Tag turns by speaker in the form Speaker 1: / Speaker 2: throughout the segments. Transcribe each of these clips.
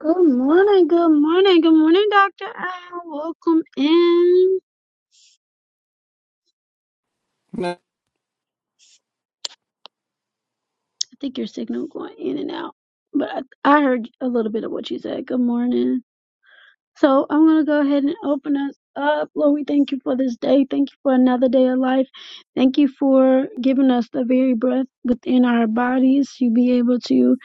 Speaker 1: Good morning, good morning, good morning, Dr. Al. Welcome in.
Speaker 2: No.
Speaker 1: I think your signal going in and out, but I, I heard a little bit of what you said. Good morning. So I'm going to go ahead and open us up. Lord, we thank you for this day. Thank you for another day of life. Thank you for giving us the very breath within our bodies to be able to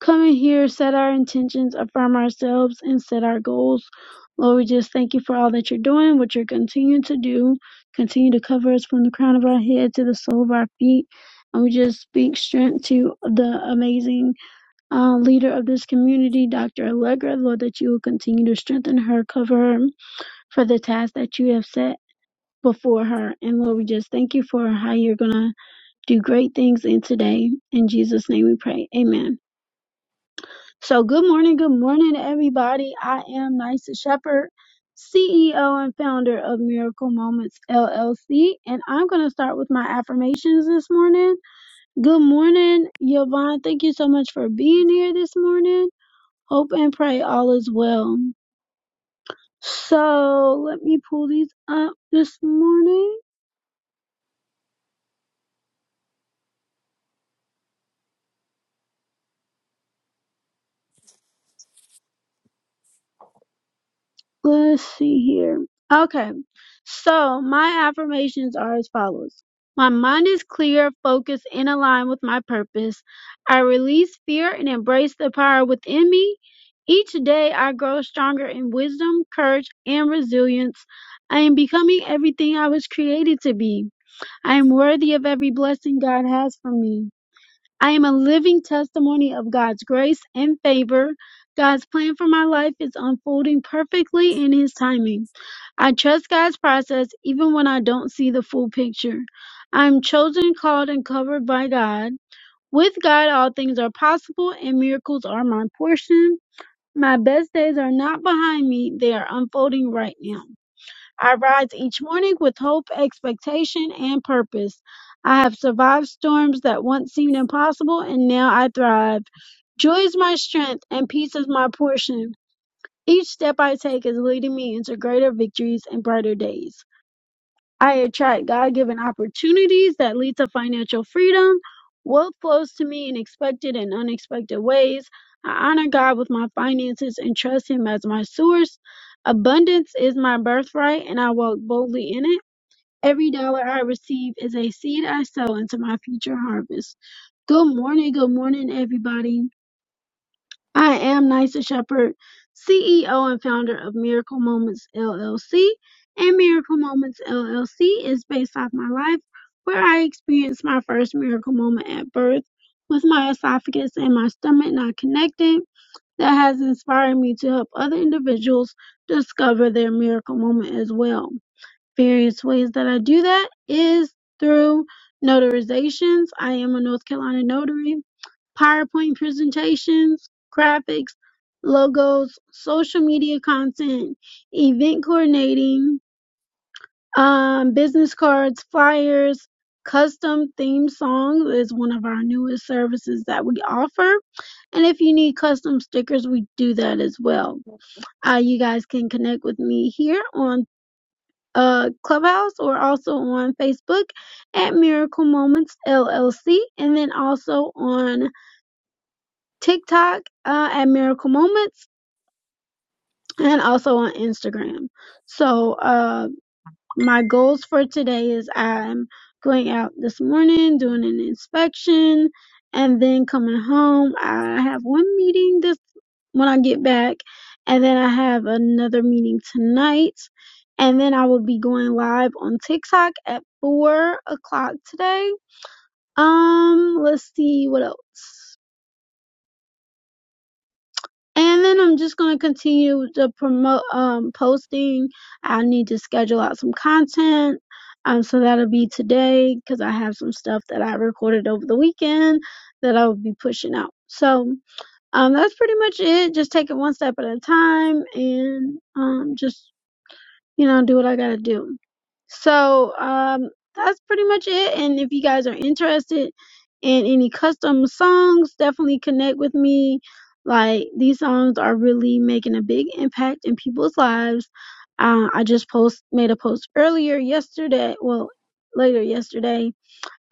Speaker 1: coming here, set our intentions, affirm ourselves, and set our goals. Lord, we just thank you for all that you're doing, what you're continuing to do. Continue to cover us from the crown of our head to the sole of our feet. And we just speak strength to the amazing uh, leader of this community, Dr. Allegra. Lord, that you will continue to strengthen her, cover her for the task that you have set before her. And Lord, we just thank you for how you're going to do great things in today. In Jesus' name we pray. Amen. So, good morning, good morning, everybody. I am Nysa Shepherd, CEO and founder of Miracle Moments LLC, and I'm going to start with my affirmations this morning. Good morning, Yvonne. Thank you so much for being here this morning. Hope and pray all is well. So, let me pull these up this morning. Let's see here. Okay. So my affirmations are as follows. My mind is clear, focused, and aligned with my purpose. I release fear and embrace the power within me. Each day I grow stronger in wisdom, courage, and resilience. I am becoming everything I was created to be. I am worthy of every blessing God has for me. I am a living testimony of God's grace and favor. God's plan for my life is unfolding perfectly in His timing. I trust God's process even when I don't see the full picture. I am chosen, called, and covered by God. With God, all things are possible and miracles are my portion. My best days are not behind me, they are unfolding right now. I rise each morning with hope, expectation, and purpose. I have survived storms that once seemed impossible, and now I thrive. Joy is my strength, and peace is my portion. Each step I take is leading me into greater victories and brighter days. I attract God given opportunities that lead to financial freedom. Wealth flows to me in expected and unexpected ways. I honor God with my finances and trust Him as my source. Abundance is my birthright, and I walk boldly in it. Every dollar I receive is a seed I sow into my future harvest. Good morning, good morning, everybody. I am Nysa Shepherd, CEO and founder of Miracle Moments LLC. And Miracle Moments LLC is based off my life where I experienced my first miracle moment at birth with my esophagus and my stomach not connecting. That has inspired me to help other individuals discover their miracle moment as well. Various ways that I do that is through notarizations. I am a North Carolina notary PowerPoint presentations, graphics, logos, social media content, event coordinating, um, business cards, flyers, custom theme song is one of our newest services that we offer. And if you need custom stickers, we do that as well. Uh, you guys can connect with me here on uh, Clubhouse or also on Facebook at Miracle Moments LLC, and then also on TikTok uh, at Miracle Moments and also on Instagram. So uh, my goals for today is I'm going out this morning doing an inspection and then coming home. I have one meeting this when I get back and then I have another meeting tonight and then I will be going live on TikTok at four o'clock today. Um, let's see what else. And then I'm just gonna continue to promote um posting. I need to schedule out some content. Um, so that'll be today because I have some stuff that I recorded over the weekend that I will be pushing out. So um, that's pretty much it. Just take it one step at a time and um, just you know, do what I gotta do. So um, that's pretty much it. And if you guys are interested in any custom songs, definitely connect with me. Like these songs are really making a big impact in people's lives. Uh, I just post made a post earlier yesterday. Well, later yesterday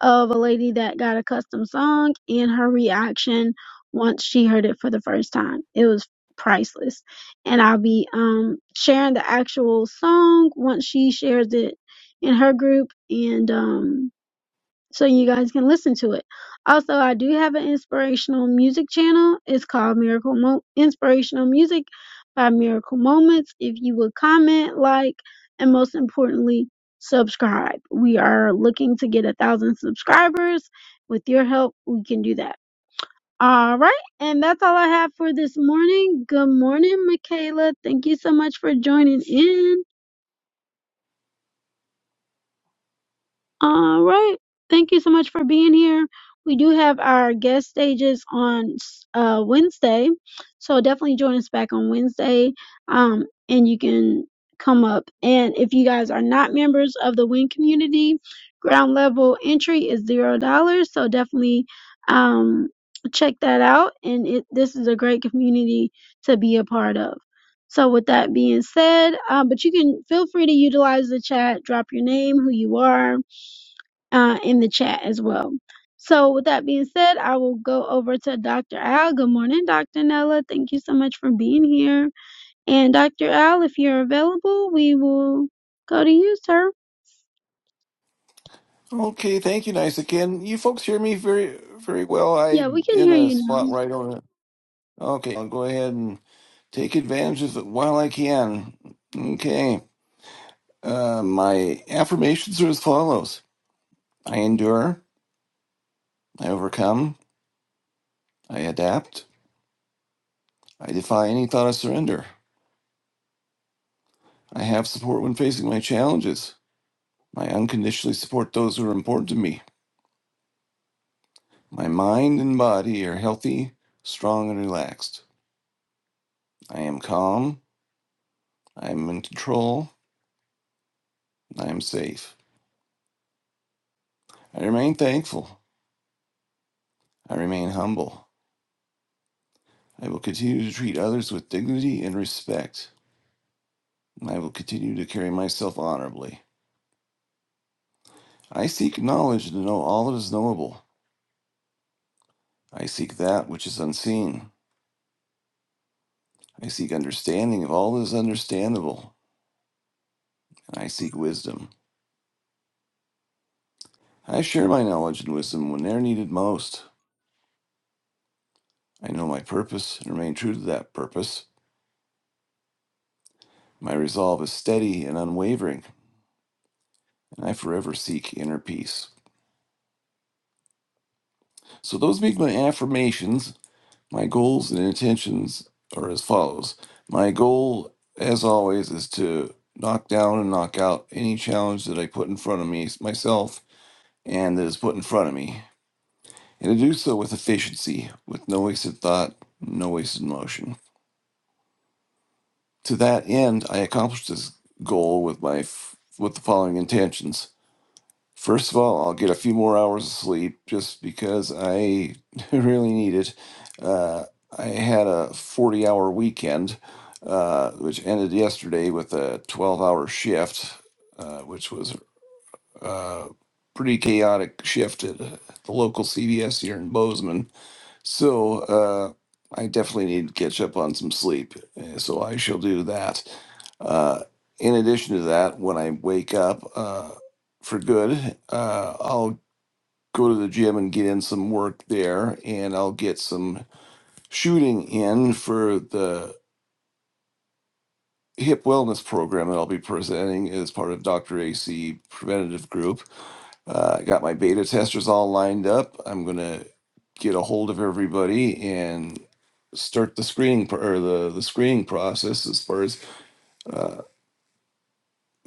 Speaker 1: of a lady that got a custom song and her reaction once she heard it for the first time. It was priceless. And I'll be um sharing the actual song once she shares it in her group and um so you guys can listen to it. Also, I do have an inspirational music channel. It's called Miracle Mo- Inspirational Music by Miracle Moments. If you would comment, like, and most importantly, subscribe. We are looking to get a thousand subscribers. With your help, we can do that. All right, and that's all I have for this morning. Good morning, Michaela. Thank you so much for joining in. All right. Thank you so much for being here. We do have our guest stages on uh, Wednesday. So definitely join us back on Wednesday. Um, and you can come up. And if you guys are not members of the WIN community, ground level entry is $0. So definitely um, check that out. And it, this is a great community to be a part of. So with that being said, um, but you can feel free to utilize the chat, drop your name, who you are, uh, in the chat as well. So, with that being said, I will go over to Dr. Al. Good morning, Dr. Nella. Thank you so much for being here. And Dr. Al, if you're available, we will go to you, sir.
Speaker 2: Okay, thank you, nice again. You folks hear me very, very well.
Speaker 1: Yeah,
Speaker 2: I'm
Speaker 1: we can
Speaker 2: in
Speaker 1: hear
Speaker 2: a
Speaker 1: you now.
Speaker 2: spot where I don't. Okay, I'll go ahead and take advantage of it while I can. Okay, uh, my affirmations are as follows: I endure, I overcome, I adapt, I defy any thought of surrender. I have support when facing my challenges. I unconditionally support those who are important to me. My mind and body are healthy, strong, and relaxed. I am calm. I am in control. I am safe. I remain thankful. I remain humble. I will continue to treat others with dignity and respect. I will continue to carry myself honorably. I seek knowledge to know all that is knowable. I seek that which is unseen. I seek understanding of all that is understandable. And I seek wisdom. I share my knowledge and wisdom when they are needed most. I know my purpose and remain true to that purpose. My resolve is steady and unwavering, and I forever seek inner peace. So those make my affirmations. My goals and intentions are as follows. My goal, as always, is to knock down and knock out any challenge that I put in front of me myself and that is put in front of me, and to do so with efficiency, with no wasted thought, no wasted motion. To that end, I accomplished this goal with my f- with the following intentions. First of all, I'll get a few more hours of sleep just because I really need it. Uh, I had a 40 hour weekend, uh, which ended yesterday with a 12 hour shift, uh, which was a pretty chaotic shift at uh, the local CVS here in Bozeman. So uh, I definitely need to catch up on some sleep. uh, So I shall do that. Uh, in addition to that, when I wake up uh, for good, uh, I'll go to the gym and get in some work there, and I'll get some shooting in for the hip wellness program that I'll be presenting as part of Dr. AC Preventative Group. Uh, I got my beta testers all lined up. I'm gonna get a hold of everybody and start the screening pro- or the the screening process as far as uh,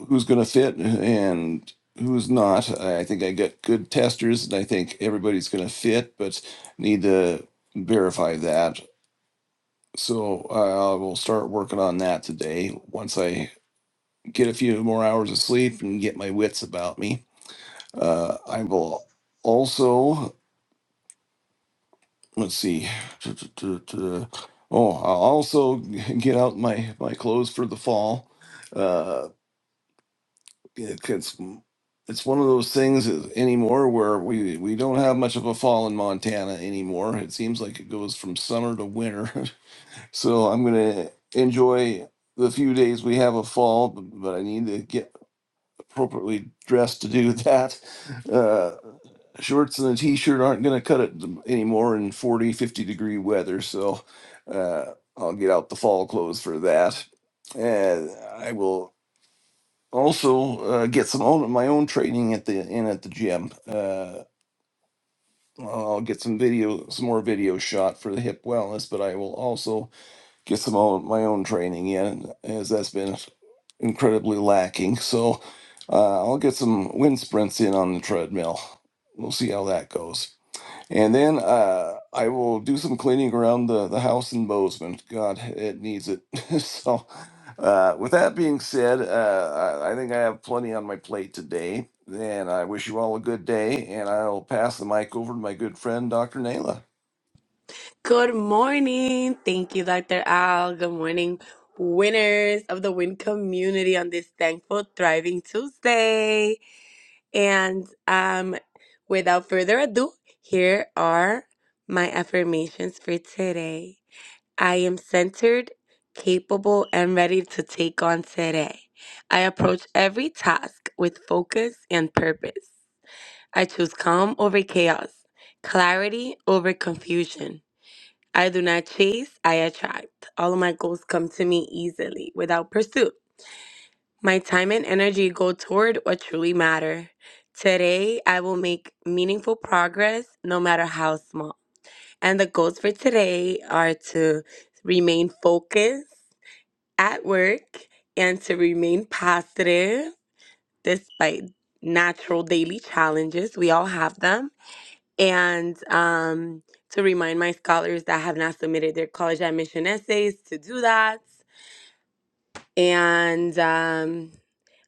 Speaker 2: who's gonna fit and who's not. I I think I got good testers, and I think everybody's gonna fit, but need to verify that. So I I will start working on that today. Once I get a few more hours of sleep and get my wits about me, uh, I will also. let's see. Oh, I'll also get out my my clothes for the fall. Uh, it's it's one of those things anymore where we we don't have much of a fall in Montana anymore. It seems like it goes from summer to winter. so I'm gonna enjoy the few days we have a fall, but I need to get appropriately dressed to do that. Uh, shorts and a t-shirt aren't going to cut it anymore in 40, 50 degree weather so uh, i'll get out the fall clothes for that and i will also uh, get some own, my own training at the in at the gym uh, i'll get some video some more video shot for the hip wellness but i will also get some own, my own training in as that's been incredibly lacking so uh, i'll get some wind sprints in on the treadmill we'll see how that goes and then uh, I will do some cleaning around the, the house in Bozeman. God, it needs it. so, uh, with that being said, uh, I, I think I have plenty on my plate today. And I wish you all a good day. And I'll pass the mic over to my good friend, Dr. Nayla.
Speaker 3: Good morning. Thank you, Dr. Al. Good morning, winners of the win community on this thankful, thriving Tuesday. And um, without further ado, here are my affirmations for today. I am centered, capable, and ready to take on today. I approach every task with focus and purpose. I choose calm over chaos, clarity over confusion. I do not chase, I attract. All of my goals come to me easily without pursuit. My time and energy go toward what truly matter. Today, I will make meaningful progress no matter how small. And the goals for today are to remain focused at work and to remain positive despite natural daily challenges. We all have them and um, to remind my scholars that have not submitted their college admission essays to do that. And um,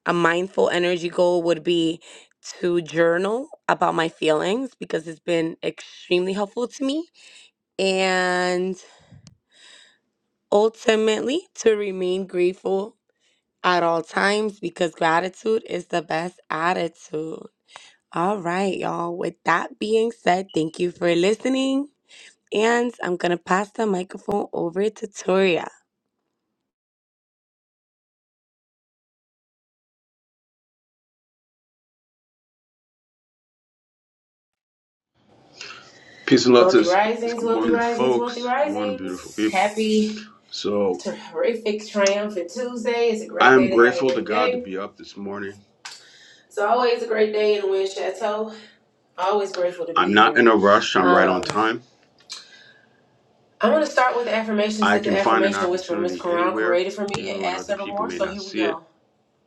Speaker 3: a mindful energy goal would be to journal about my feelings because it's been extremely helpful to me. And ultimately, to remain grateful at all times because gratitude is the best attitude. All right, y'all. With that being said, thank you for listening. And I'm going to pass the microphone over to Toria.
Speaker 4: Peace and love to the
Speaker 5: Wealthy
Speaker 4: space.
Speaker 5: risings,
Speaker 4: Good
Speaker 5: wealthy
Speaker 4: morning,
Speaker 5: risings, wealthy
Speaker 4: folks. Good morning, beautiful
Speaker 5: risings.
Speaker 4: people.
Speaker 5: Happy,
Speaker 4: So,
Speaker 5: terrific, triumphant Tuesday. It's a
Speaker 4: I
Speaker 5: great
Speaker 4: am
Speaker 5: day to have a
Speaker 4: grateful to
Speaker 5: great
Speaker 4: God to
Speaker 5: day.
Speaker 4: be up this morning.
Speaker 5: It's always a great day in Wind Chateau. Always grateful to
Speaker 4: I'm
Speaker 5: be
Speaker 4: not in
Speaker 5: here.
Speaker 4: a rush, I'm right
Speaker 5: Um,
Speaker 4: on time.
Speaker 5: I'm going to start with the affirmations
Speaker 4: I
Speaker 5: that
Speaker 4: can
Speaker 5: the
Speaker 4: find an
Speaker 5: affirmation whisperer, Miss
Speaker 4: opportunity
Speaker 5: Quran,
Speaker 4: anywhere,
Speaker 5: created for me
Speaker 4: even
Speaker 5: and
Speaker 4: when
Speaker 5: add
Speaker 4: other
Speaker 5: several
Speaker 4: people
Speaker 5: more.
Speaker 4: may
Speaker 5: So
Speaker 4: not
Speaker 5: here we
Speaker 4: see it.
Speaker 5: go.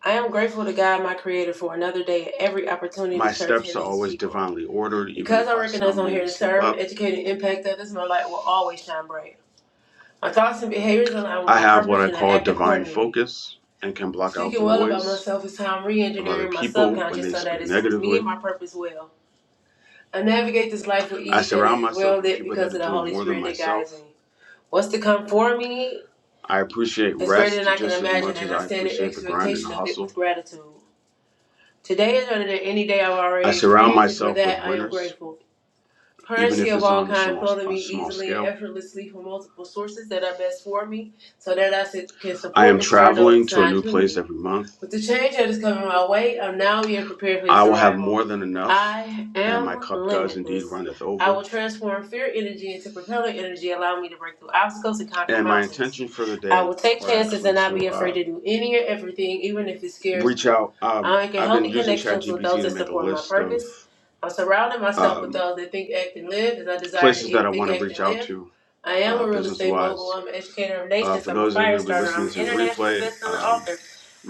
Speaker 5: I am grateful to God, my creator, for another day and every opportunity to
Speaker 4: My
Speaker 5: serve
Speaker 4: steps
Speaker 5: him
Speaker 4: are
Speaker 5: and his
Speaker 4: always
Speaker 5: people.
Speaker 4: divinely ordered, even
Speaker 5: Because
Speaker 4: if
Speaker 5: I
Speaker 4: I
Speaker 5: recognize I'm
Speaker 4: stumble
Speaker 5: here
Speaker 4: and
Speaker 5: to
Speaker 4: slip
Speaker 5: serve,
Speaker 4: up.
Speaker 5: educate, and impact others, my light will always shine bright. My thoughts and behaviors align with
Speaker 4: I
Speaker 5: my
Speaker 4: have what
Speaker 5: purpose
Speaker 4: I
Speaker 5: and I
Speaker 4: call
Speaker 5: act
Speaker 4: divine
Speaker 5: accordingly.
Speaker 4: focus and can block out
Speaker 5: Speaking
Speaker 4: the
Speaker 5: well about
Speaker 4: noise
Speaker 5: myself is how I'm re
Speaker 4: of other
Speaker 5: engineering my
Speaker 4: people when
Speaker 5: subconscious
Speaker 4: they
Speaker 5: so that
Speaker 4: speak
Speaker 5: it serves me and
Speaker 4: negatively.
Speaker 5: my purpose well. I navigate this life with
Speaker 4: I
Speaker 5: ease that
Speaker 4: surround
Speaker 5: is well
Speaker 4: myself with
Speaker 5: lit
Speaker 4: people that
Speaker 5: because
Speaker 4: are
Speaker 5: of the
Speaker 4: doing
Speaker 5: Holy
Speaker 4: more than
Speaker 5: Spirit that guides
Speaker 4: myself
Speaker 5: me. What's to come for me
Speaker 4: I appreciate
Speaker 5: is greater than
Speaker 4: rest
Speaker 5: I can
Speaker 4: just as
Speaker 5: imagine,
Speaker 4: much
Speaker 5: and
Speaker 4: as
Speaker 5: I
Speaker 4: I
Speaker 5: stand in
Speaker 4: appreciate the grind and the
Speaker 5: expectation of it with
Speaker 4: hustle.
Speaker 5: gratitude. Today is better than any day I've
Speaker 4: I
Speaker 5: already
Speaker 4: surround
Speaker 5: experienced, and for
Speaker 4: myself
Speaker 5: that
Speaker 4: with
Speaker 5: I am
Speaker 4: winners,
Speaker 5: grateful.
Speaker 4: even
Speaker 5: Currency
Speaker 4: if
Speaker 5: of
Speaker 4: it's
Speaker 5: all
Speaker 4: on a
Speaker 5: kinds
Speaker 4: small
Speaker 5: flow to
Speaker 4: a
Speaker 5: me
Speaker 4: small
Speaker 5: easily and
Speaker 4: scale.
Speaker 5: effortlessly from multiple sources that are best for me, so that I can
Speaker 4: I
Speaker 5: support
Speaker 4: am
Speaker 5: and serve those
Speaker 4: traveling to a
Speaker 5: assigned
Speaker 4: new
Speaker 5: to me.
Speaker 4: place every month.
Speaker 5: With the change that is coming my way, I'm now being prepared for
Speaker 4: I
Speaker 5: its
Speaker 4: will have
Speaker 5: arrival.
Speaker 4: more than enough,
Speaker 5: I
Speaker 4: and my
Speaker 5: am
Speaker 4: cup does indeed
Speaker 5: limitless.
Speaker 4: runneth
Speaker 5: I
Speaker 4: over.
Speaker 5: will transform fear energy into propeller energy, allowing me to break through obstacles and conquer
Speaker 4: And my
Speaker 5: mountains.
Speaker 4: intention for the
Speaker 5: I
Speaker 4: day
Speaker 5: will take
Speaker 4: are
Speaker 5: chances
Speaker 4: actually
Speaker 5: and not
Speaker 4: to
Speaker 5: be afraid
Speaker 4: uh,
Speaker 5: to do any or everything, even if it scares
Speaker 4: reach
Speaker 5: me.
Speaker 4: out. Um,
Speaker 5: I make
Speaker 4: I've been
Speaker 5: healthy
Speaker 4: using
Speaker 5: connections with those
Speaker 4: ChatGPT to
Speaker 5: that
Speaker 4: make a
Speaker 5: support my
Speaker 4: list of
Speaker 5: purpose. I'm surrounding myself with
Speaker 4: um,
Speaker 5: those that think, act, and live as I desire to
Speaker 4: places that I
Speaker 5: think,
Speaker 4: want to
Speaker 5: act,
Speaker 4: reach
Speaker 5: and
Speaker 4: out
Speaker 5: live.
Speaker 4: to
Speaker 5: I am
Speaker 4: uh,
Speaker 5: a real
Speaker 4: business
Speaker 5: estate
Speaker 4: wise
Speaker 5: mogul. I'm an educator of
Speaker 4: Uh,
Speaker 5: nations.
Speaker 4: for
Speaker 5: I'm a
Speaker 4: those that are
Speaker 5: fire
Speaker 4: going to be
Speaker 5: starter.
Speaker 4: listening
Speaker 5: I'm an
Speaker 4: to
Speaker 5: international
Speaker 4: replay,
Speaker 5: best-selling
Speaker 4: um,
Speaker 5: author.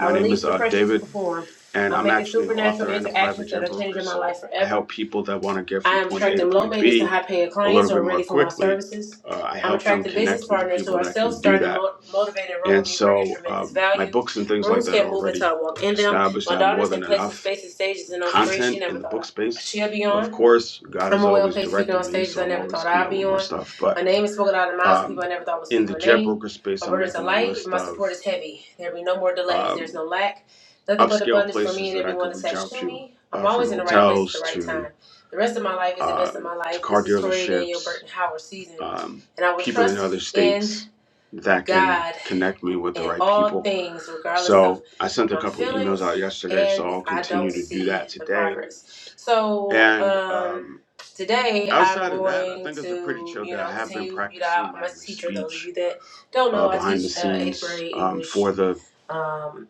Speaker 5: I
Speaker 4: name is
Speaker 5: release the
Speaker 4: uh,
Speaker 5: pressure to
Speaker 4: David,
Speaker 5: perform.
Speaker 4: and
Speaker 5: I'm
Speaker 4: I'm
Speaker 5: making
Speaker 4: actually an
Speaker 5: supernatural
Speaker 4: author and a private
Speaker 5: interactions that are
Speaker 4: jet broker.
Speaker 5: changing my
Speaker 4: So
Speaker 5: life
Speaker 4: I
Speaker 5: forever.
Speaker 4: help people that want to get
Speaker 5: I
Speaker 4: from
Speaker 5: am
Speaker 4: point A to
Speaker 5: attracting low
Speaker 4: point
Speaker 5: maintenance and
Speaker 4: B
Speaker 5: high paying
Speaker 4: a
Speaker 5: clients
Speaker 4: little
Speaker 5: who
Speaker 4: bit
Speaker 5: are
Speaker 4: more
Speaker 5: ready for my
Speaker 4: quickly.
Speaker 5: services.
Speaker 4: Uh, I
Speaker 5: I'm
Speaker 4: help them
Speaker 5: attracting business
Speaker 4: connect with the
Speaker 5: partners who
Speaker 4: people
Speaker 5: are
Speaker 4: that
Speaker 5: self
Speaker 4: can do
Speaker 5: starting,
Speaker 4: that.
Speaker 5: mo- motivated, and run with
Speaker 4: And
Speaker 5: me, bringing
Speaker 4: so
Speaker 5: tremendous
Speaker 4: um, my
Speaker 5: value.
Speaker 4: books and things like
Speaker 5: Rooms
Speaker 4: that are
Speaker 5: can't move until I
Speaker 4: already
Speaker 5: walk in them.
Speaker 4: established.
Speaker 5: My
Speaker 4: I have more
Speaker 5: daughter's in
Speaker 4: than
Speaker 5: places,
Speaker 4: enough
Speaker 5: spaces, stages, and on screens she
Speaker 4: content in
Speaker 5: never
Speaker 4: the
Speaker 5: thought
Speaker 4: book
Speaker 5: I-
Speaker 4: space.
Speaker 5: she'll be
Speaker 4: But
Speaker 5: on.
Speaker 4: of course, God
Speaker 5: I'm
Speaker 4: is
Speaker 5: a well
Speaker 4: always
Speaker 5: paid speaker on
Speaker 4: directing me,
Speaker 5: stages
Speaker 4: so
Speaker 5: I
Speaker 4: I'm
Speaker 5: never
Speaker 4: always
Speaker 5: thought
Speaker 4: coming
Speaker 5: I'd
Speaker 4: up with
Speaker 5: be
Speaker 4: more
Speaker 5: on.
Speaker 4: stuff.
Speaker 5: My
Speaker 4: But
Speaker 5: name is spoken out of the mouths of people
Speaker 4: um,
Speaker 5: I never thought would
Speaker 4: in
Speaker 5: speak
Speaker 4: the
Speaker 5: my
Speaker 4: jet broker
Speaker 5: name.
Speaker 4: space,
Speaker 5: My
Speaker 4: I'm
Speaker 5: burdens are
Speaker 4: making a
Speaker 5: light and
Speaker 4: list
Speaker 5: my support
Speaker 4: of
Speaker 5: is heavy. There be no more delays. There's
Speaker 4: um,
Speaker 5: no lack. Nothing but
Speaker 4: upscale
Speaker 5: abundance for me
Speaker 4: places
Speaker 5: and
Speaker 4: that I
Speaker 5: everyone
Speaker 4: could reach
Speaker 5: attached
Speaker 4: out
Speaker 5: to
Speaker 4: to,
Speaker 5: me. I'm
Speaker 4: uh, from
Speaker 5: always in the right place at the
Speaker 4: hotels
Speaker 5: right
Speaker 4: to
Speaker 5: time. The rest of my life is the
Speaker 4: uh,
Speaker 5: best of my
Speaker 4: to
Speaker 5: life.
Speaker 4: car
Speaker 5: This is Toria Daniel
Speaker 4: dealerships,
Speaker 5: Burton Howard season.
Speaker 4: um,
Speaker 5: And I will
Speaker 4: people in
Speaker 5: trust
Speaker 4: other
Speaker 5: in
Speaker 4: states that can
Speaker 5: God
Speaker 4: connect me with the
Speaker 5: in
Speaker 4: right
Speaker 5: all
Speaker 4: people.
Speaker 5: things, regardless of
Speaker 4: So I sent a
Speaker 5: my
Speaker 4: couple of emails
Speaker 5: feelings
Speaker 4: out yesterday,
Speaker 5: and
Speaker 4: so
Speaker 5: if
Speaker 4: I'll
Speaker 5: I don't
Speaker 4: continue to do
Speaker 5: see
Speaker 4: that
Speaker 5: the
Speaker 4: today.
Speaker 5: progress. So,
Speaker 4: And
Speaker 5: um,
Speaker 4: um,
Speaker 5: today I'm
Speaker 4: outside of that, I
Speaker 5: going
Speaker 4: think it's a pretty
Speaker 5: to,
Speaker 4: chill
Speaker 5: you
Speaker 4: day. I
Speaker 5: know,
Speaker 4: have been
Speaker 5: continue. You know,
Speaker 4: practicing
Speaker 5: I'm
Speaker 4: my,
Speaker 5: a
Speaker 4: my
Speaker 5: teacher. Those of
Speaker 4: speech
Speaker 5: you that don't know,
Speaker 4: uh,
Speaker 5: I
Speaker 4: behind the
Speaker 5: teach uh, eighth
Speaker 4: scenes
Speaker 5: grade
Speaker 4: um, for
Speaker 5: English.
Speaker 4: the
Speaker 5: Um,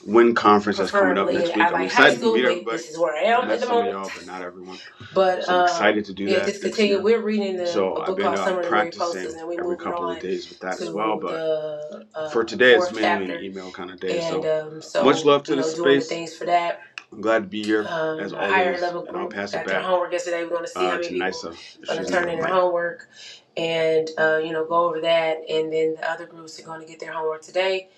Speaker 4: WIN conference that's coming up
Speaker 5: preferably,
Speaker 4: next week.
Speaker 5: I
Speaker 4: I'm
Speaker 5: like high
Speaker 4: excited to
Speaker 5: school,
Speaker 4: meet
Speaker 5: but
Speaker 4: everybody.
Speaker 5: this is where I
Speaker 4: I've
Speaker 5: am
Speaker 4: met
Speaker 5: at the
Speaker 4: some of
Speaker 5: moment.
Speaker 4: y'all, but not everyone.
Speaker 5: But
Speaker 4: So I'm excited
Speaker 5: um,
Speaker 4: to do
Speaker 5: yeah,
Speaker 4: that
Speaker 5: just
Speaker 4: next
Speaker 5: continue.
Speaker 4: year.
Speaker 5: We're reading the,
Speaker 4: So
Speaker 5: a
Speaker 4: I've
Speaker 5: book
Speaker 4: been
Speaker 5: called
Speaker 4: uh,
Speaker 5: Summer of the Mary Posters,
Speaker 4: practicing
Speaker 5: and we're
Speaker 4: every
Speaker 5: moving
Speaker 4: couple of
Speaker 5: on
Speaker 4: days with that as well.
Speaker 5: to
Speaker 4: But
Speaker 5: the
Speaker 4: for
Speaker 5: uh,
Speaker 4: today, it's
Speaker 5: fourth
Speaker 4: mainly an
Speaker 5: chapter
Speaker 4: email kind of day.
Speaker 5: and
Speaker 4: So
Speaker 5: um,
Speaker 4: much
Speaker 5: so,
Speaker 4: love to
Speaker 5: you
Speaker 4: the
Speaker 5: know, doing the
Speaker 4: space.
Speaker 5: things for that
Speaker 4: I'm glad to be here as
Speaker 5: um, a higher
Speaker 4: always,
Speaker 5: level
Speaker 4: and I'll
Speaker 5: group
Speaker 4: pass it
Speaker 5: got their
Speaker 4: back
Speaker 5: homework yesterday. We're going to see
Speaker 4: uh,
Speaker 5: how many
Speaker 4: to
Speaker 5: people
Speaker 4: Nisa.
Speaker 5: are going
Speaker 4: She's
Speaker 5: to turn
Speaker 4: never
Speaker 5: in their
Speaker 4: Mike.
Speaker 5: homework and, uh, you know, go over that. And then the other groups are going to get their homework today.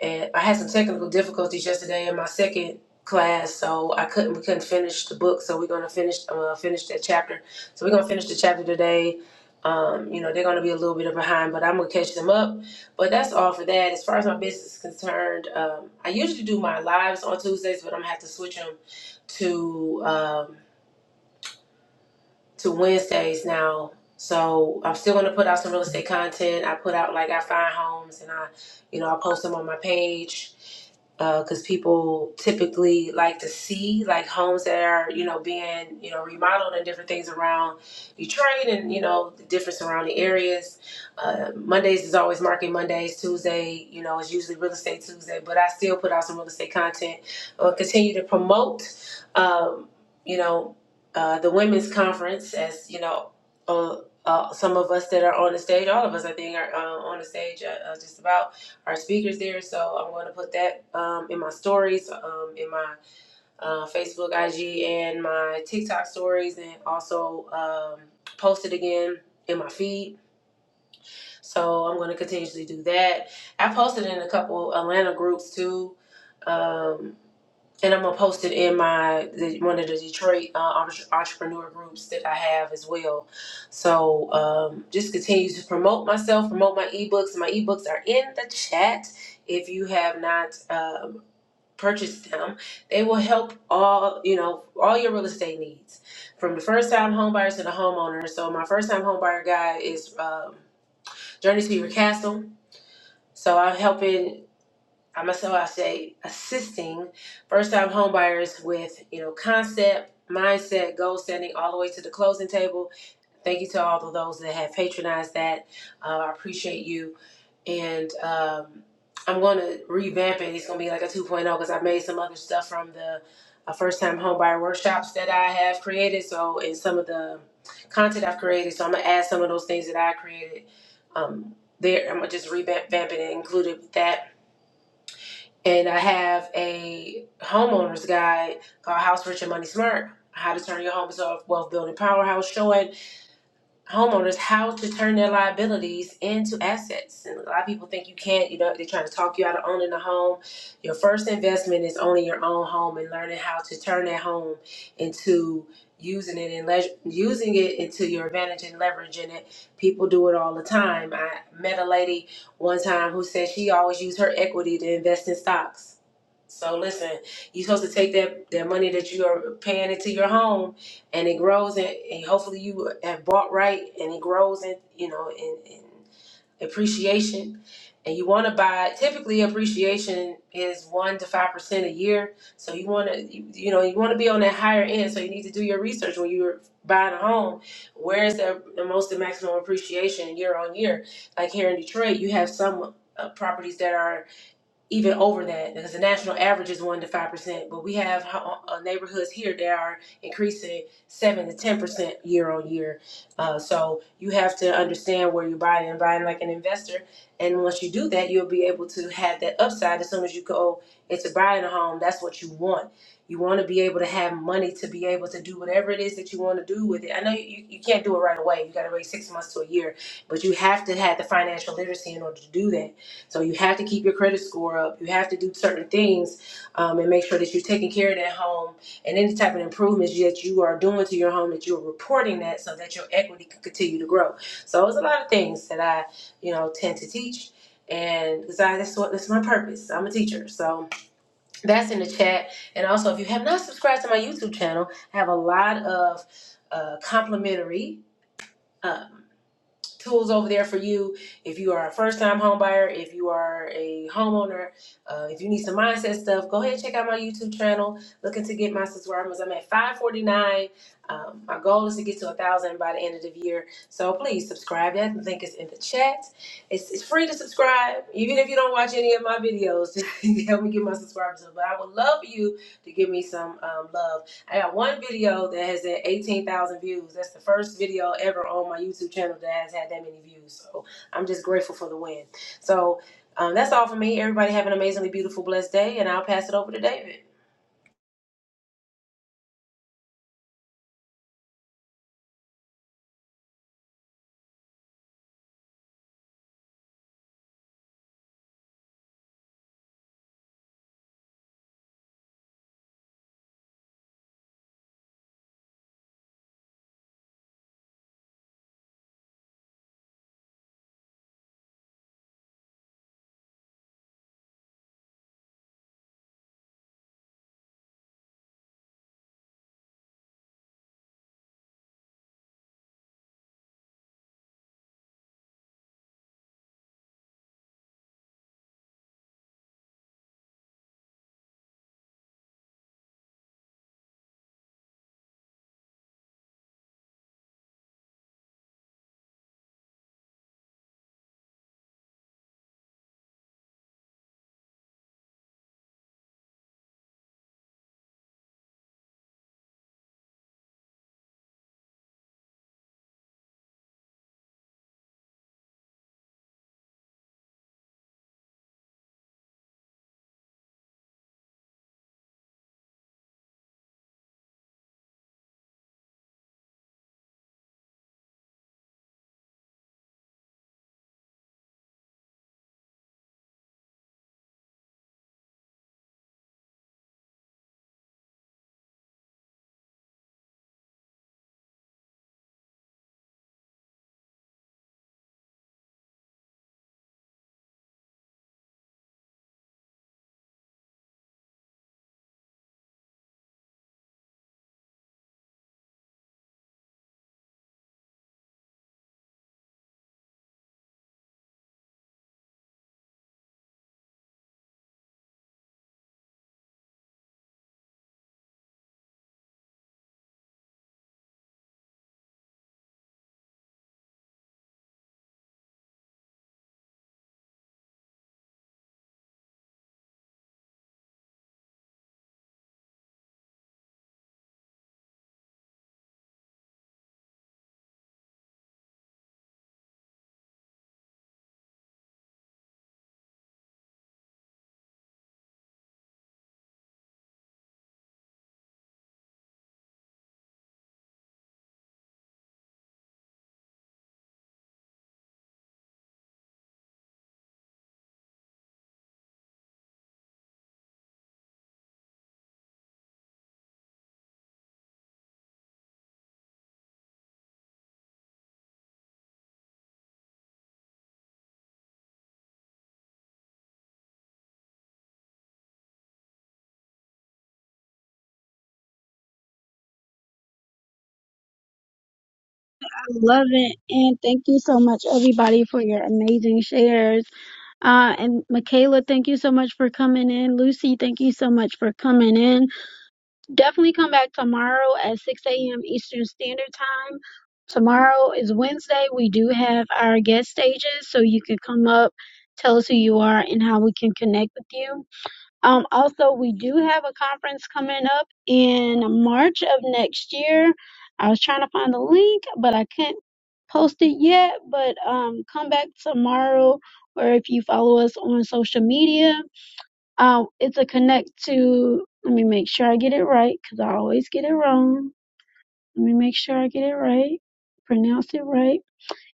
Speaker 5: And I had some technical difficulties yesterday in my second class, so I couldn't we couldn't finish the book. So we're going to finish uh, finish that chapter. So we're going to finish the chapter today. Um, you know, they're going to be a little bit behind, but I'm going to catch them up. But that's all for that. As far as my business is concerned, um, I usually do my lives on Tuesdays, but I'm going to have to switch them to um, to Wednesdays now. So I'm still gonna put out some real estate content. I put out like I find homes and I, you know, I post them on my page because people typically like to see like homes that are you know being you know remodeled and different things around Detroit and you know the different surrounding areas. Uh, Mondays is always market Mondays. Tuesday, you know, is usually real estate Tuesday. But I still put out some real estate content. I'll continue to promote. Um, you know uh, the women's conference, as you know, uh, uh, some of us that are on the stage, all of us, I think, are uh, on the stage. Uh, uh, just about our speakers there. So I'm going to put that um, in my stories, um, in my uh, Facebook, IG, and my TikTok stories, and also um, post it again in my feed. So I'm going to continuously do that. I posted in a couple Atlanta groups too. Um, and I'm gonna post it in my the, one of the Detroit uh, entre- entrepreneur groups that I have as well. So um, just continue to promote myself, promote my ebooks. My ebooks are in the chat. If you have not um, purchased them, they will help all you know all your real estate needs, from the first time homebuyers to the homeowner. So my first time homebuyer guide is um, Journey to Your Castle. So I'm helping. I myself I say assisting first time homebuyers with you know concept, mindset, goal setting, all the way to the closing table. Thank you to all of those that have patronized that. Uh, I appreciate you, and um, I'm going to revamp it. It's going to be like a 2.0 because I made some other stuff from the uh, first time homebuyer workshops that I have created. So and some of the content I've created, so I'm gonna add some of those things that I created. Um, there, I'm gonna just revamp it and include it with that and I have a homeowner's guide called House Rich and Money Smart. How to turn your home into a wealth building powerhouse, showing homeowners how to turn their liabilities into assets. And a lot of people think you can't, you know, they're trying to talk you out of owning a home. Your first investment is owning your own home and learning how to turn that home into using it and le- using it into your advantage and leveraging it. People do it all the time. I met a lady one time who said she always used her equity to invest in stocks so listen, you're supposed to take that, that money that you are paying into your home, and it grows, and, and hopefully you have bought right, and it grows, and you know, in, in appreciation. And you want to buy. Typically, appreciation is one to five percent a year. So you want to, you, you know, you want to be on that higher end. So you need to do your research when you're buying a home. Where is the, the most and maximum appreciation year on year? Like here in Detroit, you have some uh, properties that are even over that because the national average is 1 to 5%, but we have ho- uh, uh, neighborhoods here that are increasing 7 to 10% year on year. Uh, so you have to understand where you're buying and buying like an investor. And once you do that, you'll be able to have that upside as soon as you go into buying a home. That's what you want. You want to be able to have money to be able to do whatever it is that you want to do with it. I know you, you you can't do it right away. You got to wait six months to a year, but you have to have the financial literacy in order to do that so you have to keep your credit score up. You have to do certain things um, and make sure that you're taking care of that home and any type of improvements that you are doing to your home that you're reporting that so that your equity can continue to grow. So it's a lot of things that I, you know, tend to teach. And because I, that's what that's my purpose. I'm a teacher, so that's in the chat. And also, if you have not subscribed to my YouTube channel, I have a lot of uh, complimentary. um, tools over there for you if you are a first-time home buyer if you are a homeowner uh, if you need some mindset stuff go ahead and check out my youtube channel looking to get my subscribers i'm at 549 um, my goal is to get to a thousand by the end of the year so please subscribe that link is in the chat it's, it's free to subscribe even if you don't watch any of my videos help me get my subscribers up but i would love for you to give me some um, love I got one video that has had 18,000 views. That's the first video ever on my YouTube channel that has had that many views. So I'm just grateful for the win. So um, that's all for me. Everybody have an amazingly beautiful, blessed day, and I'll pass it over to David.
Speaker 1: I love it. And thank you so much, everybody, for your amazing shares. Uh, and Michaela, thank you so much for coming in. Lucy, thank you so much for coming in. Definitely come back tomorrow at 6 a.m. Eastern Standard Time. Tomorrow is Wednesday. We do have our guest stages, so you can come up, tell us who you are, and how we can connect with you. Um, also, we do have a conference coming up in March of next year. I was trying to find the link, but I can not post it yet. But um, come back tomorrow, or if you follow us on social media um, it's a connect to. Let me make sure I get it right because I always get it wrong. Let me make sure I get it right. Pronounce it right.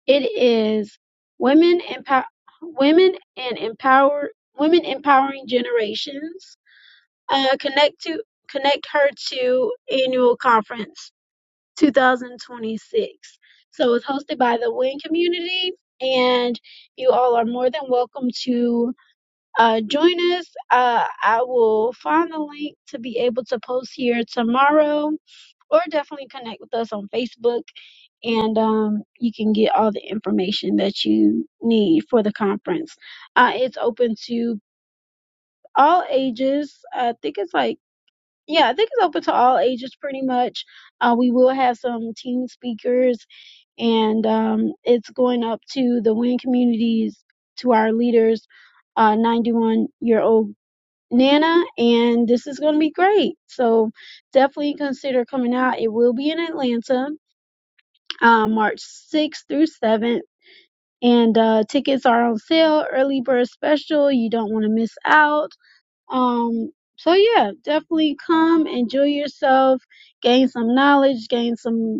Speaker 1: It is women empower women and empower women empowering generations. Uh, connect to connect her to annual conference 2026. So it's hosted by the Win community, and you all are more than welcome to uh, join us. Uh, I will find the link to be able to post here tomorrow, or definitely connect with us on Facebook, and um, you can get all the information that you need for the conference. Uh, it's open to all ages. I think it's like yeah, I think it's open to all ages pretty much. Uh, we will have some teen speakers, and um, it's going up to the WIN communities, to our leaders, uh, 91 year old Nana, and this is going to be great. So definitely consider coming out. It will be in Atlanta, uh, March 6th through 7th. And uh, tickets are on sale, early bird special. You don't want to miss out. Um, so yeah, definitely come, enjoy yourself, gain some knowledge, gain some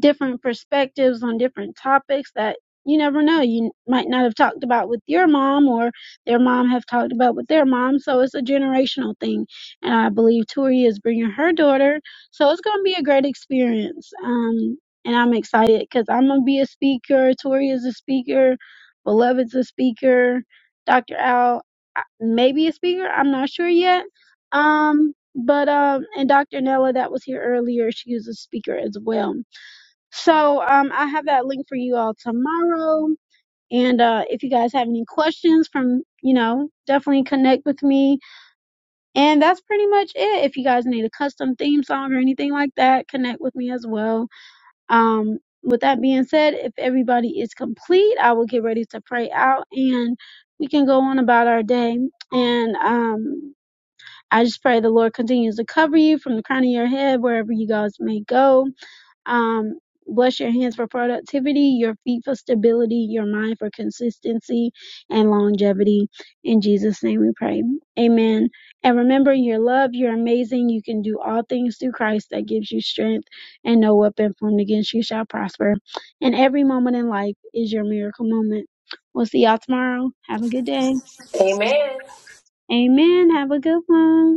Speaker 1: different perspectives on different topics that you never know you might not have talked about with your mom or their mom have talked about with their mom so it's a generational thing and i believe tori is bringing her daughter so it's going to be a great experience um, and i'm excited because i'm going to be a speaker tori is a speaker beloved's a speaker dr al uh, maybe a speaker i'm not sure yet um, but um, and dr nella that was here earlier she is a speaker as well so um, I have that link for you all tomorrow. And uh, if you guys have any questions from, you know, definitely connect with me. And that's pretty much it. If you guys need a custom theme song or anything like that, connect with me as well. Um, with that being said, if everybody is complete, I will get ready to pray out and we can go on about our day. And um, I just pray the Lord continues to cover you from the crown of your head, wherever you guys may go um, bless your hands for productivity, your feet for stability, your mind for consistency and longevity. In Jesus' name we pray. Amen. And remember, you're loved, you're amazing, you can do all things through Christ that gives you strength, and no weapon formed against you shall prosper. And every moment in life is your miracle moment. We'll see y'all tomorrow. Have a good day.
Speaker 5: Amen.
Speaker 1: Amen. Have a good one.